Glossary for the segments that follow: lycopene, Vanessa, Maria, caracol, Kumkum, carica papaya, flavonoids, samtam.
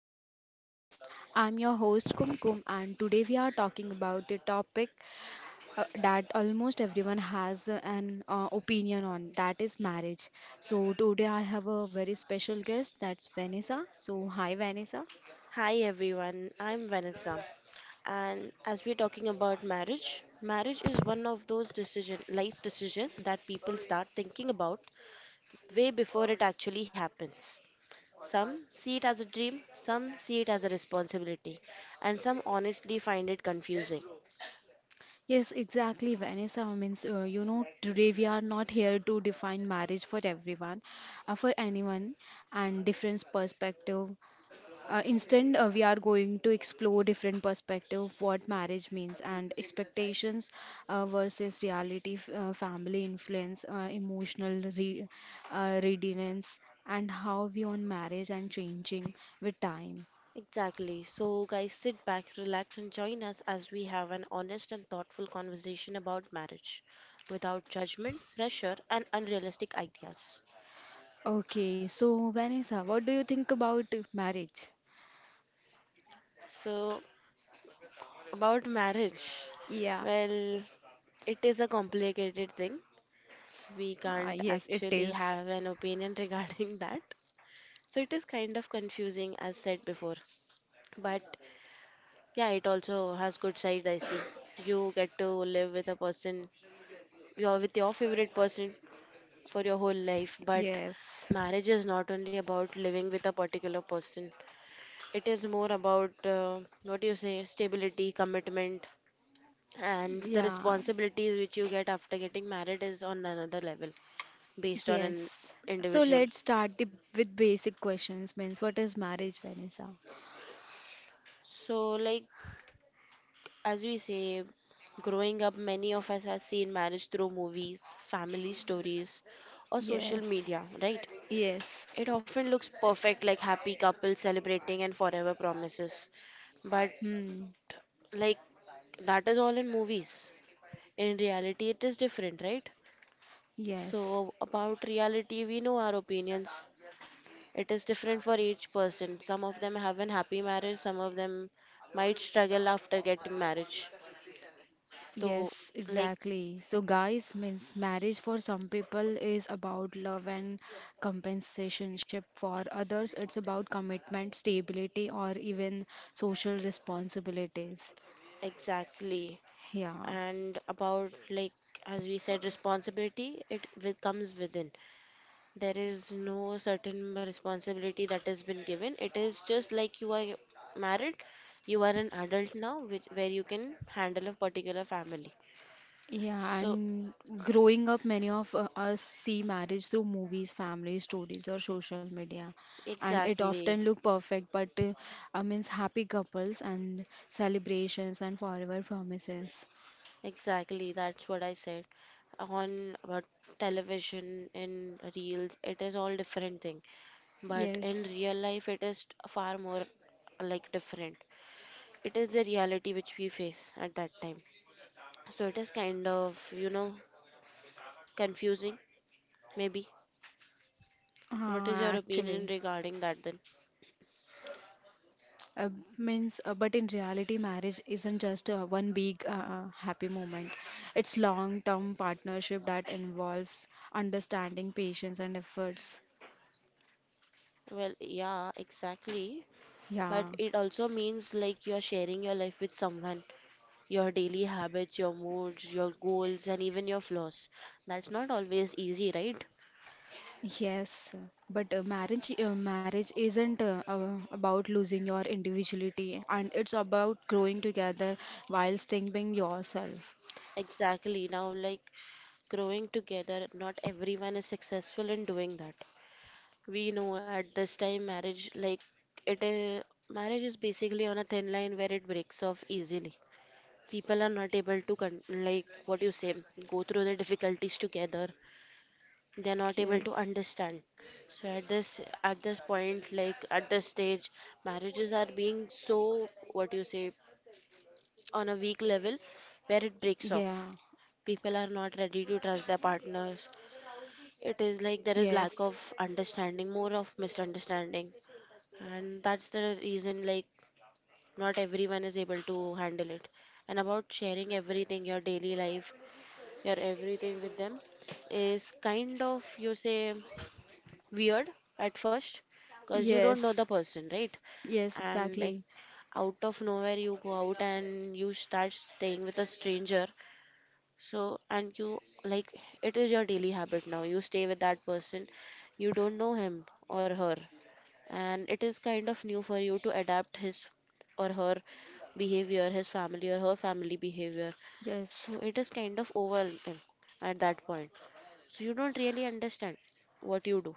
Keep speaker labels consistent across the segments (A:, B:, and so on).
A: to our podcast. I'm your host, Kumkum, and today we are talking about the topic that almost everyone has an opinion on, that is marriage. So, today I have a very special guest, that's Vanessa. So, hi, Vanessa.
B: Hi everyone, I'm Vanessa. And as we're talking about marriage, marriage is one of those decision, life decision that people start thinking about way before it actually happens. Some see it as a dream, some see it as a responsibility, and some honestly find it confusing.
A: Yes, exactly, Vanessa. Means, you know, today we are not here to define marriage for everyone, for anyone, and different perspective. Instead, we are going to explore different perspective of what marriage means, and expectations versus reality, family influence, emotional readiness, and how we on marriage and changing with time.
B: Exactly. So, guys, sit back, relax, and join us as we have an honest and thoughtful conversation about marriage without judgment, pressure, and unrealistic ideas.
A: Okay, so Vanessa, what do you think about marriage?
B: So, about marriage,
A: Yeah,
B: well, it is a complicated thing. We can't
A: yes, it
B: actually
A: is.
B: have an opinion regarding that. So it is kind of confusing as said before. But yeah, it also has good side I see. You get to live with a person, you're with your favorite person for your whole life, but
A: Yes,
B: marriage is not only about living with a particular person. It is more about what do you say, stability, commitment, and the
A: yeah,
B: responsibilities which you get after getting married is on another level based on an
A: yes. So
B: individual.
A: let's start the, with basic questions. Means, what is marriage, Vanessa?
B: So, like, as we say, growing up, many of us have seen marriage through movies, family stories, or social
A: Yes,
B: media, right?
A: yes,
B: It often looks perfect, like happy couples celebrating and forever promises, but,
A: hmm,
B: like, that is all in movies. In reality, it is different, right?
A: yes,
B: So, about reality, we know our opinions. It is different for each person. Some of them have an happy marriage, some of them might struggle after getting marriage. So,
A: yes,
B: like,
A: exactly. So, guys, means marriage for some people is about love and compensationship. For others, it's about commitment, stability, or even social responsibilities.
B: exactly.
A: Yeah.
B: And about, like, as we said, responsibility, it comes within. There is no certain responsibility that has been given. It is just like you are married, you are an adult now, which where you can handle a particular family.
A: Yeah,
B: So,
A: and growing up, many of us see marriage through movies, family stories, or social media, and it
B: exactly.
A: often look perfect, but means happy couples and celebrations and forever promises.
B: Exactly, that's what I said. On television, in reels, it is all different thing. But
A: Yes,
B: in real life, it is far more like different. It is the reality which we face at that time. So it is kind of, confusing, maybe. What
A: uh,
B: is your opinion
A: actually,
B: regarding that then?
A: uh, means but in reality, marriage isn't just one big happy moment. It's long-term partnership that involves understanding, patience, and efforts.
B: Well, yeah, exactly. But
A: Yeah.
B: it also means like you're sharing your life with someone, your daily habits, your moods, your goals, and even your flaws. That's not always easy, right?
A: Yes, but marriage isn't about losing your individuality, and it's about growing together while staying being yourself.
B: Exactly. Now, like, growing together, not everyone is successful in doing that. We know at this time, marriage, like, it is, marriage is basically on a thin line where it breaks off easily. People are not able to, like what you say, go through the difficulties together. They're not able to
A: Yes.
B: understand. So at this point like at this stage, marriages are being so, what do you say, on a weak level where it breaks off.
A: Yeah.
B: People are not ready to trust their partners. It is like there is lack
A: Yes.
B: of understanding, more of misunderstanding, and that's the reason, like, not everyone is able to handle it. And about sharing everything, your daily life, your everything with them is kind of, you say, weird at first, because you don't know the
A: Yes.
B: person, right?
A: Yes,
B: And, like,
A: exactly.
B: out of nowhere, you go out and you start staying with a stranger. So, and you, like, it is your daily habit now. You stay with that person, you don't know him or her, and it is kind of new for you to adapt his or her behavior, his family or her family behavior. So,
A: Yes.
B: it is kind of overwhelming at that point. So, you don't really understand what you do,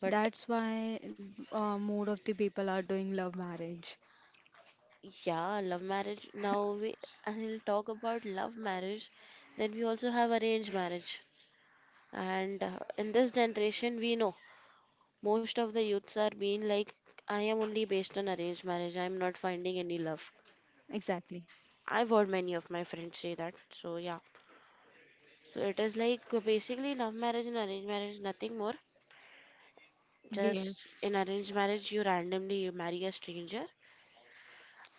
B: but
A: That's why more of the people are doing love marriage.
B: yeah, love marriage. Now we I'll talk about love marriage. Then we also have arranged marriage. And in this generation, we know most of the youths are being like, I am only based on arranged marriage. I am not finding any love.
A: Exactly.
B: I've heard many of my friends say that. So yeah, so it is like basically love marriage and arranged marriage, nothing more. Just
A: Yes.
B: in arranged marriage, you randomly marry a stranger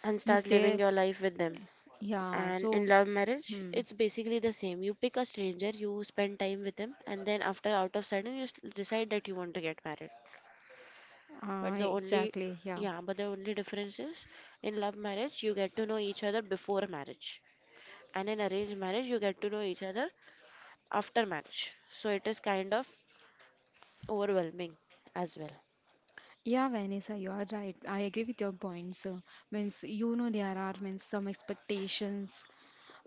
B: and
A: Means
B: start living
A: they
B: your life with them.
A: Yeah,
B: And in
A: so,
B: love marriage,
A: hmm,
B: it's basically the same. You pick a stranger, you spend time with him, and then after out of sudden you decide that you want to get married. But the only,
A: exactly, yeah.
B: yeah, but the only difference is, in love marriage you get to know each other before marriage, and in arranged marriage you get to know each other after marriage. So it is kind of overwhelming as well.
A: Yeah, Vanessa, you are right. I agree with your points. Means, you know, there are means some expectations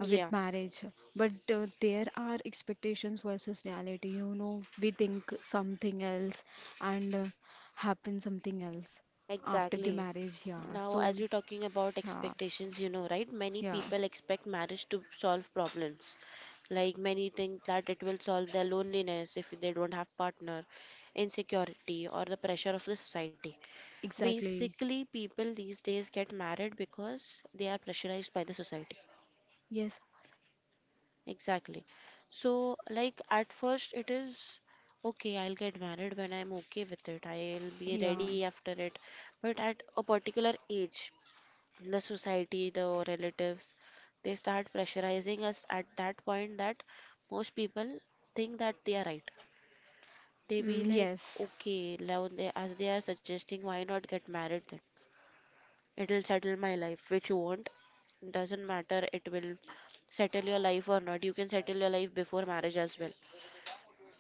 A: with marriage, but there are expectations versus reality. You know, we think something else and happen something else after the
B: Exactly.
A: marriage. Yeah,
B: Now,
A: so,
B: as you're talking about
A: yeah,
B: expectations, you know, right? Many
A: yeah,
B: people expect marriage to solve problems. Like, many think that it will solve their loneliness if they don't have partner, insecurity, or the pressure of the society.
A: exactly.
B: Basically, people these days get married because they are pressurized by the society.
A: Yes,
B: Exactly. So, like at first, it is okay, I'll get married when I'm okay with it. I'll be
A: yeah,
B: ready after it. But at a particular age, the society, the relatives, they start pressurizing us at that point that most people think that they are right. They be
A: mm,
B: like,
A: yes.
B: okay, now they, as they are suggesting, why not get married then? It'll settle my life, which won't. Doesn't matter, it will settle your life or not. You can settle your life before marriage as well.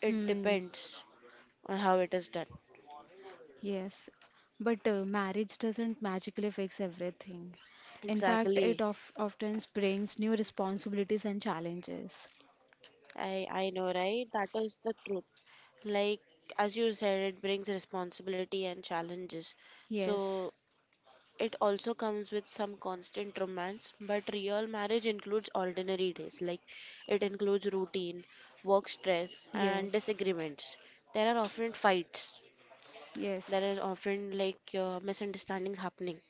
B: It
A: Hmm.
B: depends on how it is done.
A: Yes, but marriage doesn't magically fix everything. In fact, it
B: Exactly.
A: of often brings new responsibilities and challenges.
B: I know, right? That is the truth. Like, as you said, it brings responsibility and challenges.
A: Yes,
B: So it also comes with some constant romance, but real marriage includes ordinary days. Like, it includes routine, work stress, and
A: yes,
B: disagreements. There are often fights. There
A: yes,
B: is often like misunderstandings happening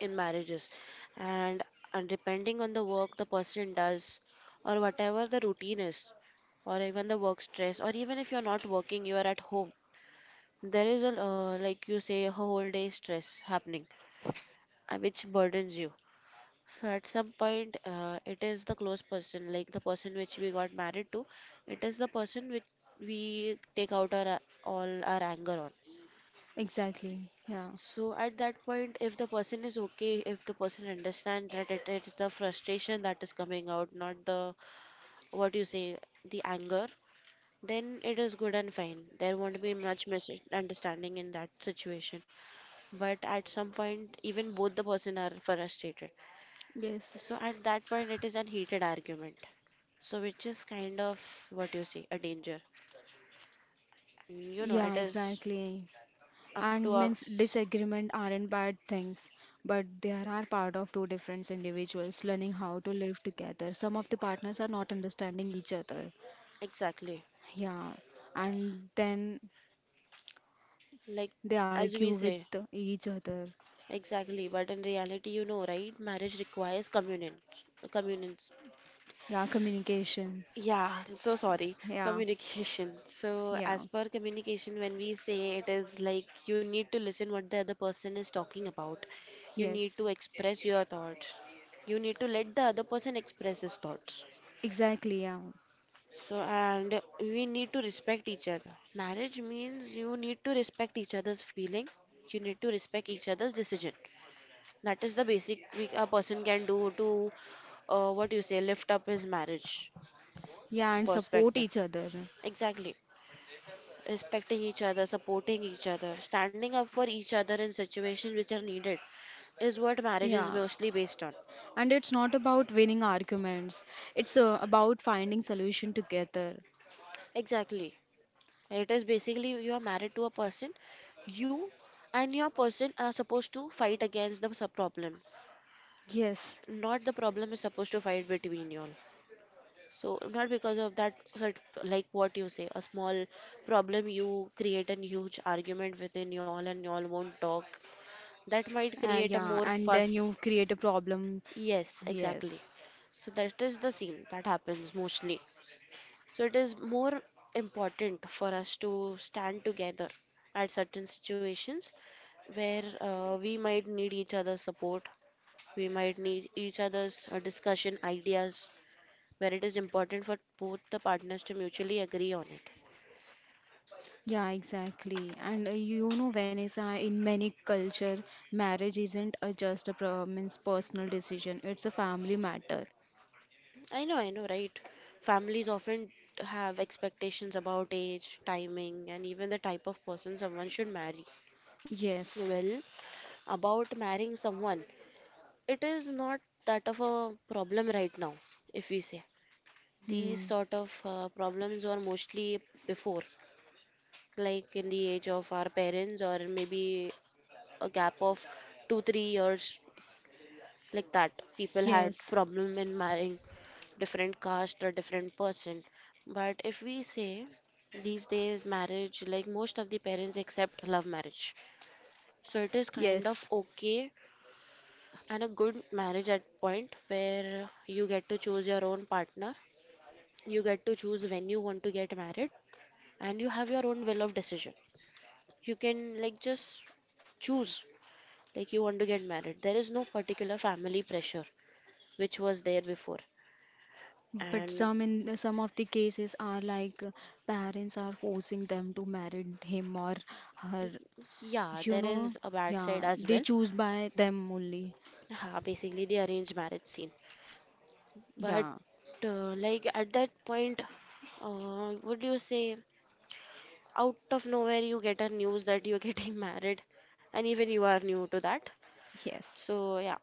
B: in marriages, and, and depending on the work the person does or whatever the routine is, or even the work stress, or even if you're not working you are at home, there is a like you say, a whole day stress happening, which burdens you. So at some point, it is the close person, like the person which we got married to, it is the person which we take out all our anger on.
A: exactly. Yeah,
B: So at that point, if the person is okay, if the person understands that it is the frustration that is coming out, not the, what you say, the anger, then it is good and fine. There won't be much misunderstanding in that situation. But at some point, even both the person are frustrated.
A: yes,
B: So at that point, it is an heated argument. So which is kind of, what you say, a danger. You know, it
A: yeah,
B: is
A: exactly.
B: up to
A: And means
B: us
A: disagreement aren't bad things, but they are part of two different individuals learning how to live together. Some of the partners are not understanding each other.
B: exactly.
A: Yeah, and then
B: Like,
A: they
B: as we
A: argue with
B: say.
A: each other.
B: Exactly, but in reality, you know, right? Marriage requires communion, communions.
A: Yeah, communications.
B: Yeah, I'm so sorry.
A: Yeah,
B: Communication. So,
A: yeah,
B: as per communication, when we say, it is like you need to listen what the other person is talking about. You need
A: yes,
B: to express your thoughts. You need to let the other person express his thoughts.
A: exactly. Yeah,
B: So, and we need to respect each other. Marriage means you need to respect each other's feeling. You need to respect each other's decision. That is the basic we, a person can do to, what you say, lift up his marriage
A: yeah, and support
B: perspective.
A: each other.
B: Exactly. Respecting each other, supporting each other, standing up for each other in situations which are needed is what marriage is
A: Yeah,
B: mostly based on.
A: and it's not about winning arguments. It's about finding solution together.
B: Exactly. It is basically you are married to a person, you and your person are supposed to fight against the sub problem.
A: Yes,
B: Not the problem is supposed to fight between you all. So not because of that, like what you say, a small problem you create a huge argument within y'all and y'all won't talk. That might create a
A: yeah,
B: more
A: and then
B: fuss.
A: you create a problem.
B: Yes, exactly.
A: Yes.
B: So that is the scene that happens mostly. So it is more important for us to stand together at certain situations where we might need each other's support, we might need each other's discussion ideas, where it is important for both the partners to mutually agree on it.
A: Yeah, exactly. And you know, Vanessa, in many culture, marriage isn't a just a means personal decision. It's a family matter.
B: I know, right? Families often have expectations about age, timing, and even the type of person someone should marry.
A: Yes.
B: Well, about marrying someone, it is not that of a problem right now, if we say. These
A: Hmm.
B: sort of problems were mostly before, like in the age of our parents, or maybe a gap of 2, 3 years, like that people had
A: Yes,
B: problem in marrying different caste or different person. But if we say, these days marriage, like, most of the parents accept love marriage, so it is kind of
A: yes.
B: okay, and a good marriage, at point where you get to choose your own partner, you get to choose when you want to get married, and you have your own will of decision. You can, like, just choose, like, you want to get married. There is no particular family pressure, which was there before.
A: But
B: And
A: some in some of the cases are like parents are forcing them to marry him or her.
B: yeah,
A: You
B: there
A: know,
B: is a bad side
A: yeah,
B: as well.
A: they choose by them only.
B: Ha, basically the arranged marriage scene. But
A: Yeah,
B: uh, like at that point, would you say out of nowhere you get a news that you're getting married, and even you are new to that.
A: yes,
B: So yeah,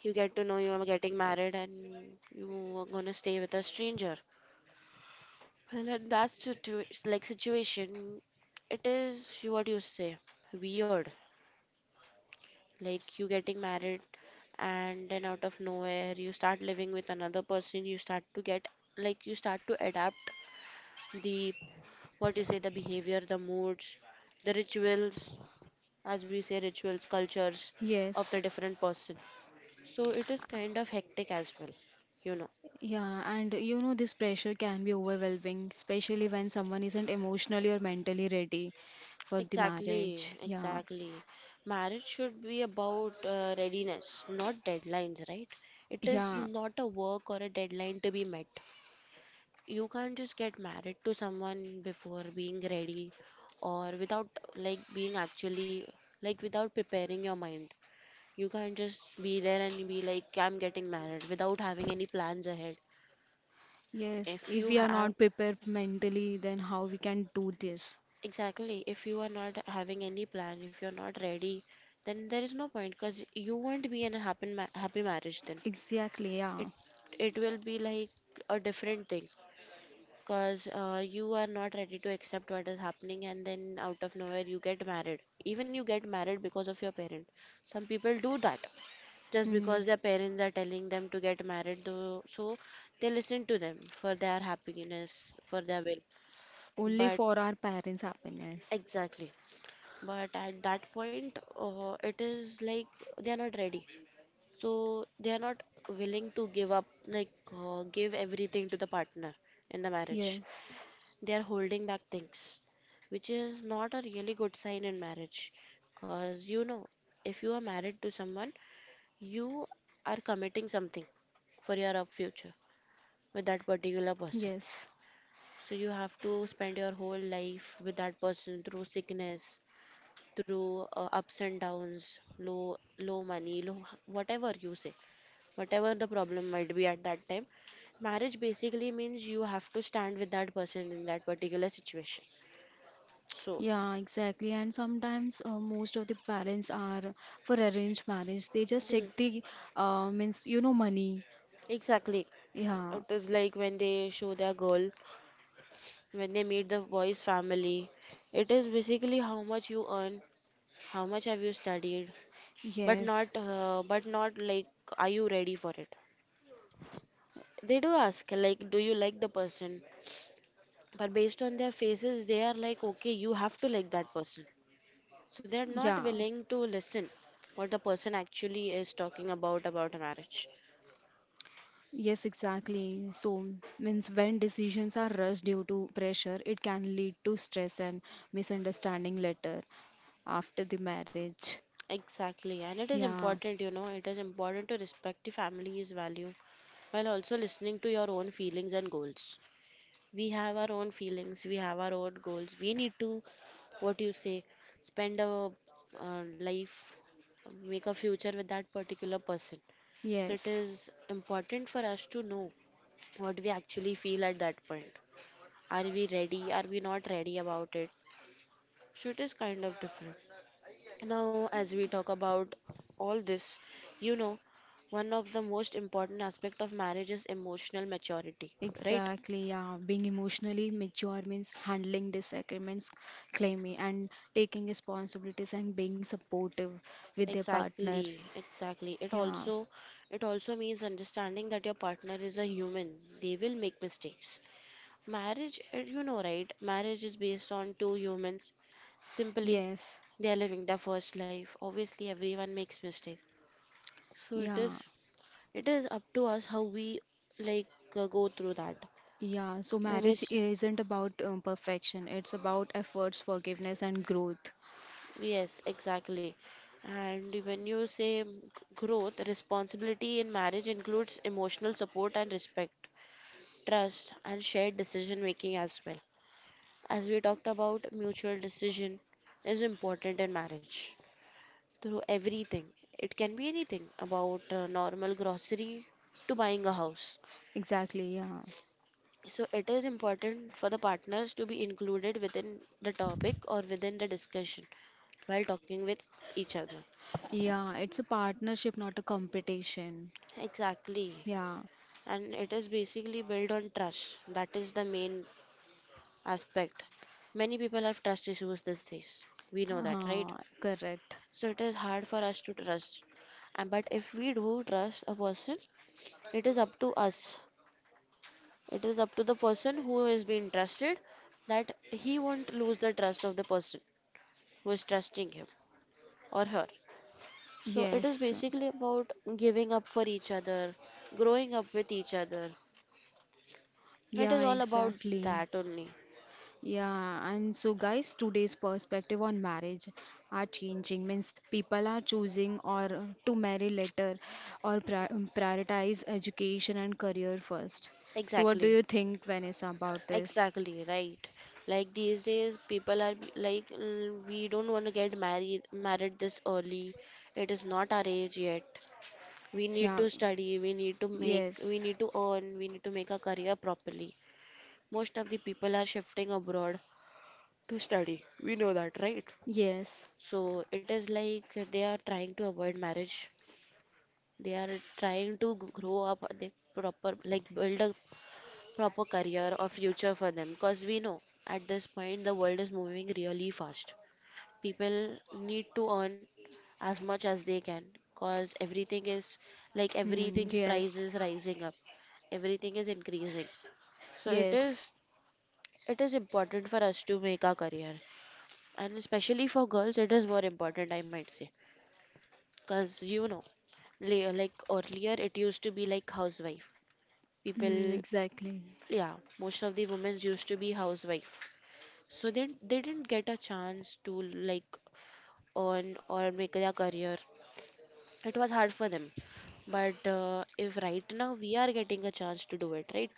B: you get to know you are getting married and you are gonna stay with a stranger. Well, in that situation, it is what you say weird. Like you getting married, and then out of nowhere you start living with another person. You start to get, like, you start to adapt the, what you say, the behavior, the moods, the rituals, as we say, rituals, cultures of the
A: yes.
B: different person. So it is kind of hectic as well, you know.
A: Yeah, and you know, this pressure can be overwhelming, especially when someone isn't emotionally or mentally ready for the
B: Exactly,
A: marriage. Yeah,
B: exactly, marriage should be about readiness, not deadlines, right? It is
A: yeah,
B: not a work or a deadline to be met. You can't just get married to someone before being ready, or without, like, being actually, like, without preparing your mind. You can't just be there and be like, "I'm getting married" without having any plans ahead.
A: yes.
B: If
A: If
B: you
A: we are
B: have,
A: not prepared mentally, then how we can do this?
B: exactly, if you are not having any plan, if you're not ready, then there is no point, because you won't be in a happy marriage then.
A: Exactly,
B: It
A: yeah.
B: it will be like a different thing. Because you are not ready to accept what is happening, and then out of nowhere, you get married. Even you get married because of your parent. Some people do that just
A: Hmm.
B: because their parents are telling them to get married, though, so they listen to them for their happiness, for their will.
A: Only
B: But
A: for our parents' happiness.
B: exactly, but at that point, it is like they are not ready, so they are not willing to give up, like, give everything to the partner in the marriage.
A: Yes,
B: They are holding back things, which is not a really good sign in marriage. Because, you know, if you are married to someone, you are committing something for your up future with that particular person.
A: yes.
B: So you have to spend your whole life with that person through sickness, through ups and downs, low money, low whatever you say, whatever the problem might be at that time. Marriage basically means you have to stand with that person in that particular situation. So,
A: Yeah, exactly. And sometimes most of the parents are for arranged marriage. They just
B: hmm,
A: check the means you know money.
B: exactly.
A: Yeah.
B: It is like when they show their goal, when they meet the boy's family. It is basically how much you earn, how much have you studied,
A: Yes.
B: but not like, are you ready for it? They do ask, like, do you like the person? But based on their faces, they are like, okay, you have to like that person. So they are not
A: Yeah.
B: willing to listen what the person actually is talking about a marriage.
A: Yes, exactly. So means when decisions are rushed due to pressure, it can lead to stress and misunderstanding later, after the marriage.
B: Exactly, and it is
A: Yeah.
B: important, you know, it is important to respect the family's value while also listening to your own feelings and goals. We have our own feelings, we have our own goals. We need to, what you say, spend our life, make a future with that particular person. So it
A: Yes.
B: is important for us to know what we actually feel at that point. Are we ready? Are we not ready about it? So it is kind of different. Now, as we talk about all this, you know, one of the most important aspect of marriage is emotional maturity, right?
A: Exactly, yeah. Being emotionally mature means handling disagreements, claiming and taking responsibilities, and being supportive with their partner.
B: Exactly, exactly. It
A: Yeah,
B: also, it also means understanding that your partner is a human. They will make mistakes. Marriage, eh, you know, right? Marriage is based on two humans. Simply,
A: yes,
B: they are living their first life. Obviously, everyone makes mistakes. So it
A: yeah,
B: is, it is up to us how we, like, go through that.
A: yeah. So,
B: I
A: marriage
B: miss.
A: isn't about perfection, it's about efforts, forgiveness, and growth.
B: Yes, exactly. And when you say growth, responsibility in marriage includes emotional support and respect, trust, and shared decision making as well. As we talked about, mutual decision is important in marriage through everything. It can be anything about normal grocery to buying a house.
A: Exactly, yeah.
B: So it is important for the partners to be included within the topic or within the discussion while talking with each other.
A: Yeah, it's a partnership, not a competition.
B: Exactly.
A: Yeah,
B: And it is basically built on trust. That is the main aspect. Many people have trust issues these days. We know that, right?
A: correct.
B: So it is hard for us to trust. And but if we do trust a person, it is up to us. It is up to the person who is being trusted that he won't lose the trust of the person who is trusting him or her. So it is
A: Yes,
B: basically about giving up for each other, growing up with each other. It
A: yeah,
B: is all about
A: exactly.
B: that only.
A: Yeah, and so guys, today's perspective on marriage are changing. Means people are choosing or to marry later or prioritize education and career first. So what do
B: Exactly.
A: you think, Vanessa, about this?
B: Exactly, right. Like these days, people are like, "Mm, we don't want to get married this early. It is not our age yet. We need
A: Yeah,
B: to study, we need to make, we
A: yes,
B: need to earn, we need to make a career properly. Most of the people are shifting abroad to study. We know that, right?
A: yes,
B: So it is like they are trying to avoid marriage. They are trying to grow up, they proper like build a proper career or future for them, because we know at this point the world is moving really fast. People need to earn as much as they can, because everything is, like, everything's price
A: yes,
B: is rising up, everything is increasing. So it
A: yes,
B: is, it is important for us to make our career, and especially for girls it is more important, I might say. Because, you know, like earlier it used to be like housewife people.
A: hmm, exactly.
B: Yeah, most of the women used to be housewife, so they didn't get a chance to, like, earn or make their career. It was hard for them. But if right now we are getting a chance to do it, right?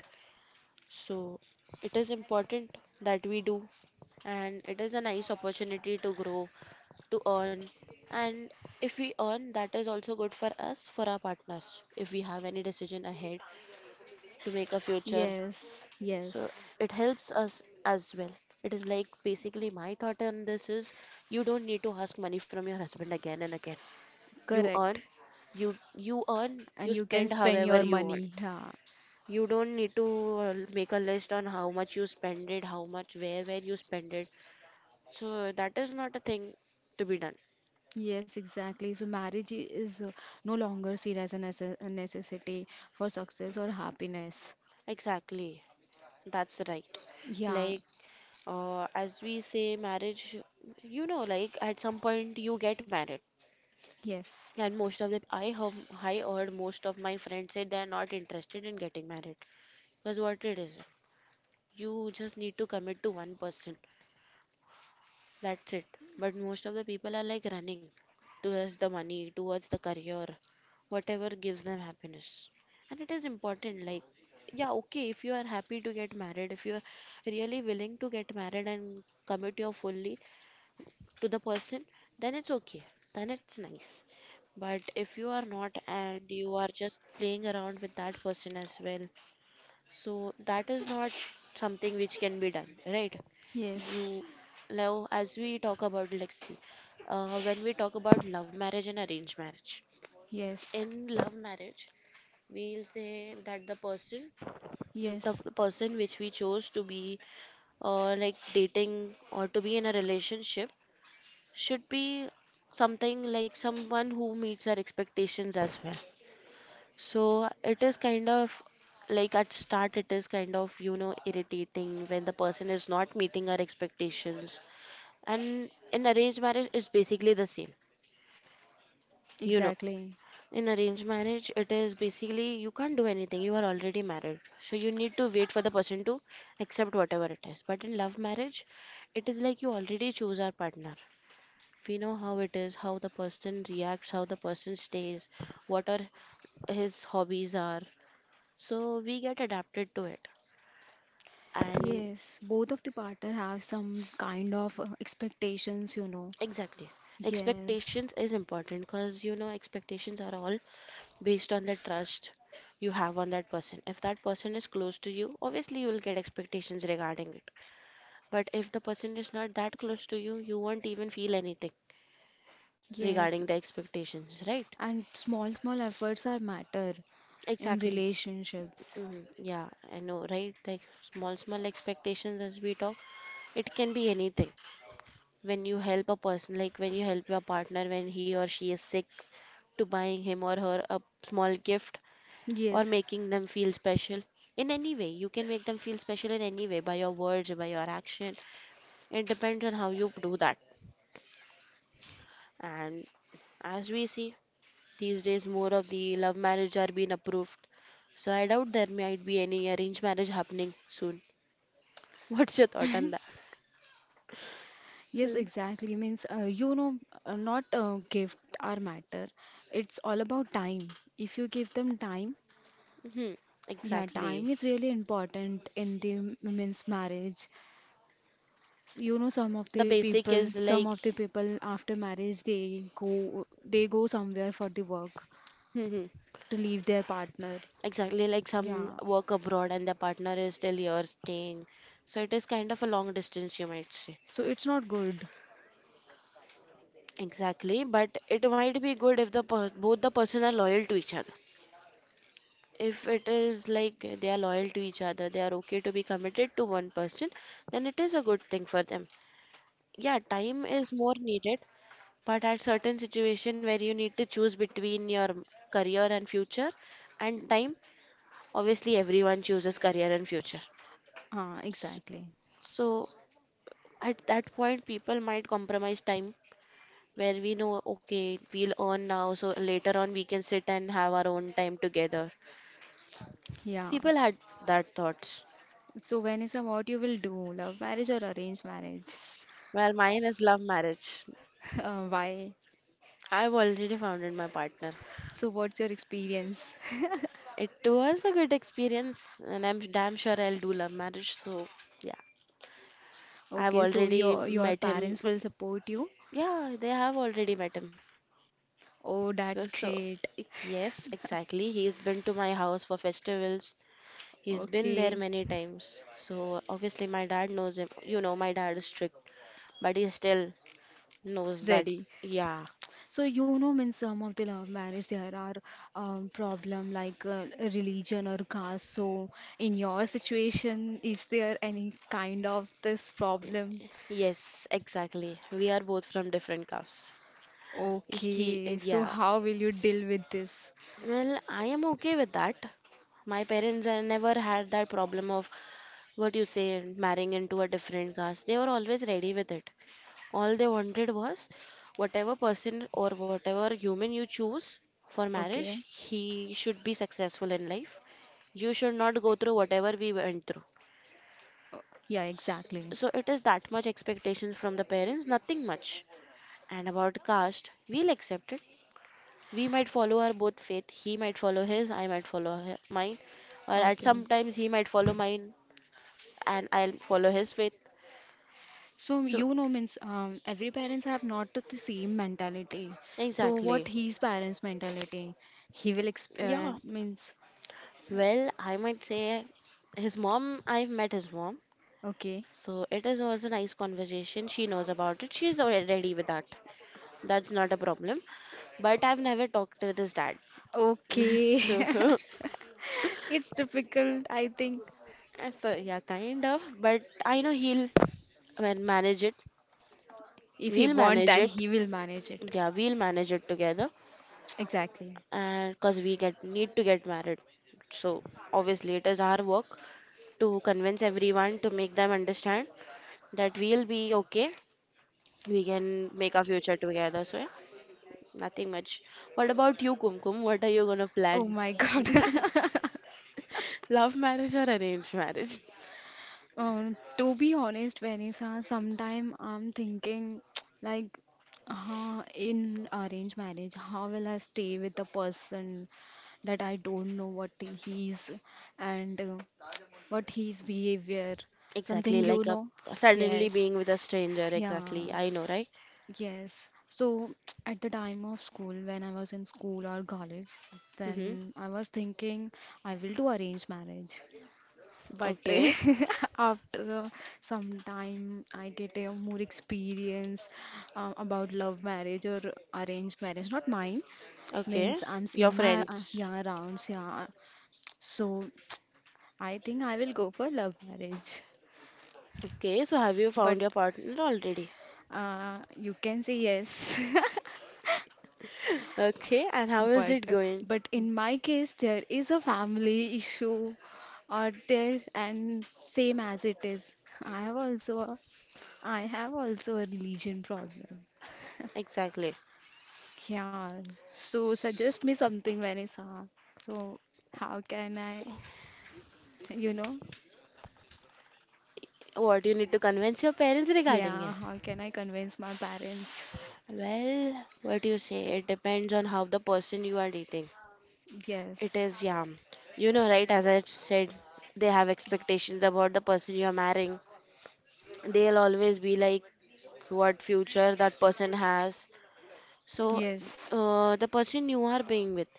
B: So it is important that we do, and it is a nice opportunity to grow, to earn. And if we earn, that is also good for us, for our partners, if we have any decision ahead to make a future.
A: Yes, yes,
B: So it helps us as well. It is like basically my thought on this is you don't need to ask money from your husband again and again. You
A: correct.
B: earn, you earn,
A: And
B: you
A: you can
B: spend
A: spend
B: however
A: your
B: you want.
A: money.
B: It.
A: Yeah.
B: You don't need to make a list on how much you spend it, how much where you spend it. So that is not a thing to be done.
A: Yes, exactly. So marriage is no longer seen as a a necessity for success or happiness.
B: Exactly. That's right.
A: Yeah.
B: Like, as we say marriage, you know, like at some point you get married.
A: Yes.
B: And most of them, I heard most of my friends say they are not interested in getting married. Because what it is, you just need to commit to one person. That's it. But most of the people are like running towards the money, towards the career, whatever gives them happiness. And it is important, like, yeah, okay, if you are happy to get married, if you are really willing to get married and commit your fully to the person, then it's okay. Then it's nice. But if you are not, and you are just playing around with that person as well, so that is not something which can be done, right?
A: Yes.
B: You now, as we talk about, like, see, when we talk about love marriage and arranged marriage,
A: Yes.
B: in love marriage, we'll say that the
A: Yes.
B: person which we chose to be, like dating or to be in a relationship, should be something like someone who meets our expectations as well. So it is kind of, like, at start it is kind of, you know, irritating when the person is not meeting our expectations. And in arranged marriage it's basically the same, you know.
A: Exactly.
B: In arranged marriage it is basically you can't do anything, you are already married, so you need to wait for the person to accept whatever it is. But in love marriage it is like you already choose our partner. We know how it is, how the person reacts, how the person stays, what are his hobbies are. So we get adapted to it. And
A: Yes. Both of the partner have some kind of expectations, you know.
B: exactly,
A: Yes.
B: expectations is important because, you know, expectations are all based on the trust you have on that person. If that person is close to you, obviously you will get expectations regarding it. But if the person is not that close to you, you won't even feel anything
A: Yes.
B: regarding the expectations, right?
A: And small, small efforts are matter in
B: Exactly.
A: relationships.
B: Mm, yeah, I know, right? Like small, small expectations, as we talk, it can be anything. When you help a person, like when you help your partner when he or she is sick, to buying him or her a small gift or
A: Yes.
B: making them feel special. In any way, you can make them feel special in any way by your words, by your action. It depends on how you do that. And as we see, these days more of the love marriage are being approved. So I doubt there might be any arranged marriage happening soon. What's your thought on that?
A: Yes,
B: Mm-hmm.
A: exactly. Means, you know, not gift or matter. It's all about time. If you give them time,
B: Mm-hmm.
A: yeah,
B: Exactly.
A: time is really important in the means marriage. You know, some of
B: The
A: the
B: basic
A: people,
B: is
A: some
B: like,
A: of the people after marriage, they go somewhere for the work
B: hmm
A: to leave their partner.
B: exactly like some
A: Yeah,
B: work abroad and the partner is still here staying. So it is kind of a long distance, you might say.
A: so it's not good.
B: Exactly, but it might be good if the per both the person are loyal to each other. If it is like they are loyal to each other, they are okay to be committed to one person, then it is a good thing for them. Yeah, time is more needed. But at certain situation where you need to choose between your career and future and time, obviously everyone chooses career and future.
A: Ah,
B: S-
A: exactly.
B: So at that point, people might compromise time where we know, okay, we'll earn now, so later on we can sit and have our own time together.
A: Yeah.
B: People had that thoughts.
A: So Vanessa, what you will do, love marriage or arranged marriage?
B: Well, mine is love marriage.
A: Why?
B: I've already found my partner.
A: So what's your experience?
B: It was a good experience, and I'm damn sure I'll do love marriage. So, yeah. I've
A: Okay, so
B: already
A: your
B: met him.
A: parents will support you.
B: Yeah, they have already met him.
A: Oh,
B: So,
A: that's
B: so
A: great.
B: yes, exactly. He's been to my house for festivals. He's been there
A: Okay,
B: many times. So obviously my dad knows him. You know, my dad is strict, but he still knows that.
A: ready.
B: Yeah,
A: So you know, in some of the love marriage there are problem like religion or caste. So in your situation, is there any kind of this problem?
B: yes, exactly. We are both from different castes. He,
A: Okay, so
B: yeah.
A: how will you deal with this?
B: Well, I am okay with that. My parents, I never had that problem of what you say marrying into a different caste. They were always ready with it. All they wanted was whatever person or whatever human you choose for marriage,
A: Okay.
B: he should be successful in life. You should not go through whatever we went through.
A: Oh, yeah, exactly.
B: So it is that much expectations from the parents, nothing much. And about caste, we'll accept it. We might follow our both faith. He might follow his, I might follow her, mine. Or at
A: Okay.
B: sometimes he might follow mine and I'll follow his faith.
A: So
B: So
A: you know means every parents have not the same mentality. So what
B: exactly.
A: his parents mentality? He will exp
B: Yeah.
A: means
B: Well, I might say his mom, I've met his mom.
A: okay,
B: So it is was a nice conversation. She knows about it. She's already with that. That's not a problem. But I've never talked with his dad.
A: okay.
B: So,
A: It's difficult, I think.
B: so yeah, kind of. But I know he'll manage it.
A: If he
B: We'll
A: want,
B: manage
A: then
B: it.
A: he will manage it.
B: Yeah, we'll manage it together.
A: Exactly.
B: And because we get need to get married. So obviously it is our work to convince everyone to make them understand that we'll be okay, we can make our future together. So yeah, nothing much. What about you, Kumkum? What are you gonna
A: Oh
B: plan?
A: my God.
B: Love marriage or arranged marriage?
A: Uh, to be honest, Vanessa, sometime I'm thinking like, huh, in arranged marriage, how will I stay with the person that I don't know what he's and what his behavior,
B: Exactly,
A: something you
B: like a
A: know?
B: suddenly
A: Yes,
B: being with a stranger.
A: yeah,
B: Exactly, I know, right?
A: yes. So at the time of school, when I was in school or college,
B: Mm-hmm.
A: then I was thinking I will do arranged marriage, but
B: Okay,
A: after some time, I get a more experience about love marriage or arranged marriage, not mine.
B: okay.
A: Means I'm
B: Your
A: seeing my
B: friends.
A: yeah rounds, yeah. So I think I will go for love marriage.
B: Okay, so have you
A: But
B: found your partner already?
A: you can say yes.
B: Okay, and how is
A: But
B: it going?
A: but in my case, there is a family issue out there, and same as it is, I have also I have also a religion problem.
B: Exactly.
A: Yeah, so suggest me something, Vanessa. So, how can I, you know,
B: What you need to convince your parents regarding
A: yeah,
B: it?
A: how can I convince my parents?
B: Well, what do you say? It depends on how the person you are dating. It
A: Yes,
B: is, yeah. You know, right, as I said, they have expectations about the person you are marrying. They'll always be like what future that person has. So,
A: yes.
B: the person you are being with,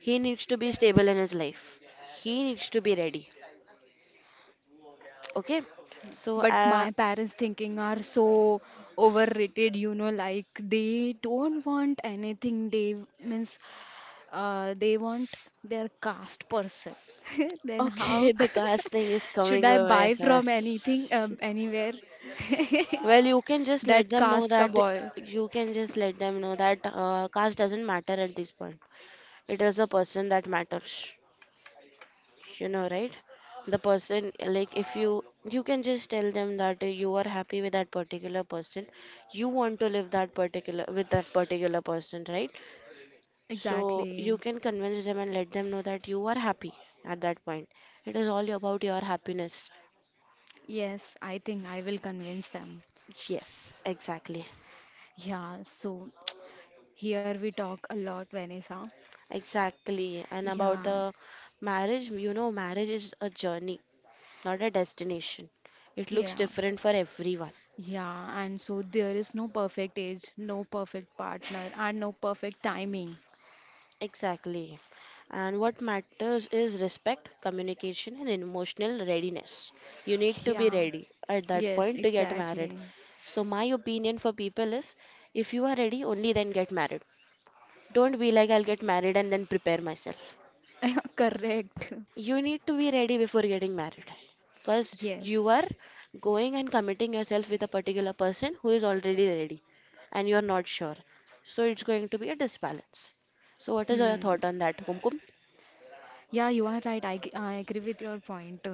B: he needs to be stable in his life. He needs to be ready. Okay? So,
A: But
B: uh,
A: my parents thinking are so overrated, you know, like they don't want anything. They means they want their caste person. Then
B: okay,
A: how
B: the caste thing is
A: should
B: coming
A: I
B: away.
A: buy from anything, anywhere?
B: Well, you can just let
A: That
B: them know
A: caste ka
B: that
A: boy.
B: you can just let them know that caste doesn't matter at this point. It is the person that matters, you know, right? The person, like, if you, you can just tell them that you are happy with that particular person, you want to live that particular with that particular person, right? So you
A: Exactly.
B: can convince them and let them know that you are happy at that point. It is all about your happiness.
A: Yes, I think I will convince them.
B: Yes, exactly.
A: Yeah, so here we talk a lot, Vanessa.
B: Exactly. And about
A: Yeah,
B: the marriage, you know, marriage is a journey, not a destination. It looks
A: yeah,
B: different for everyone.
A: yeah. And so there is no perfect age, no perfect partner, and no perfect timing.
B: Exactly. And what matters is respect, communication, and emotional readiness. You need to be
A: Yeah,
B: ready at that
A: yes,
B: point to get married.
A: exactly.
B: So, my opinion for people is, if you are ready, only then get married. Don't be like, I'll get married and then prepare myself.
A: Correct.
B: You need to be ready before getting married, because you
A: Yes.
B: are going and committing yourself with a particular person who is already ready and you are not sure. So, it's going to be a disbalance. So, what is your
A: Hmm.
B: thought on that, Kumkum?
A: Yeah, you are right. I agree with your point.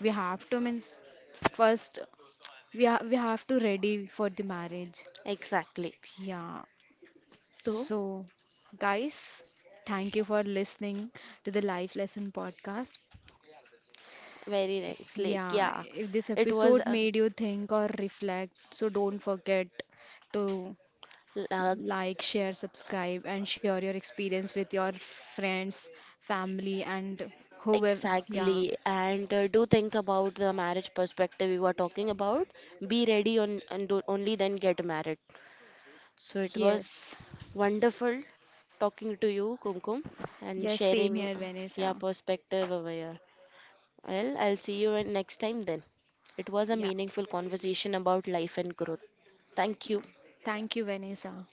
A: We have to means first we have to ready for the marriage.
B: Exactly.
A: Yeah.
B: So,
A: So, guys, thank you for listening to the Life Lesson podcast.
B: very nice. Like,
A: Yeah,
B: yeah,
A: if this
B: it was
A: episode made you think or reflect, so don't forget to
B: uh,
A: like, share, subscribe, and share your experience with your friends, family, and whoever. Yeah,
B: exactly. And do think about the marriage perspective we were talking about. Be ready on and do, only then get married. So it was
A: yes,
B: wonderful talking to you, Kumkum, and
A: yes, same
B: sharing
A: here,
B: your
A: Vanessa.
B: perspective over here. Well, I'll see you next time then. It was a
A: Yeah,
B: meaningful conversation about life and growth. Thank
A: yeah.
B: you.
A: Thank you, Vanessa.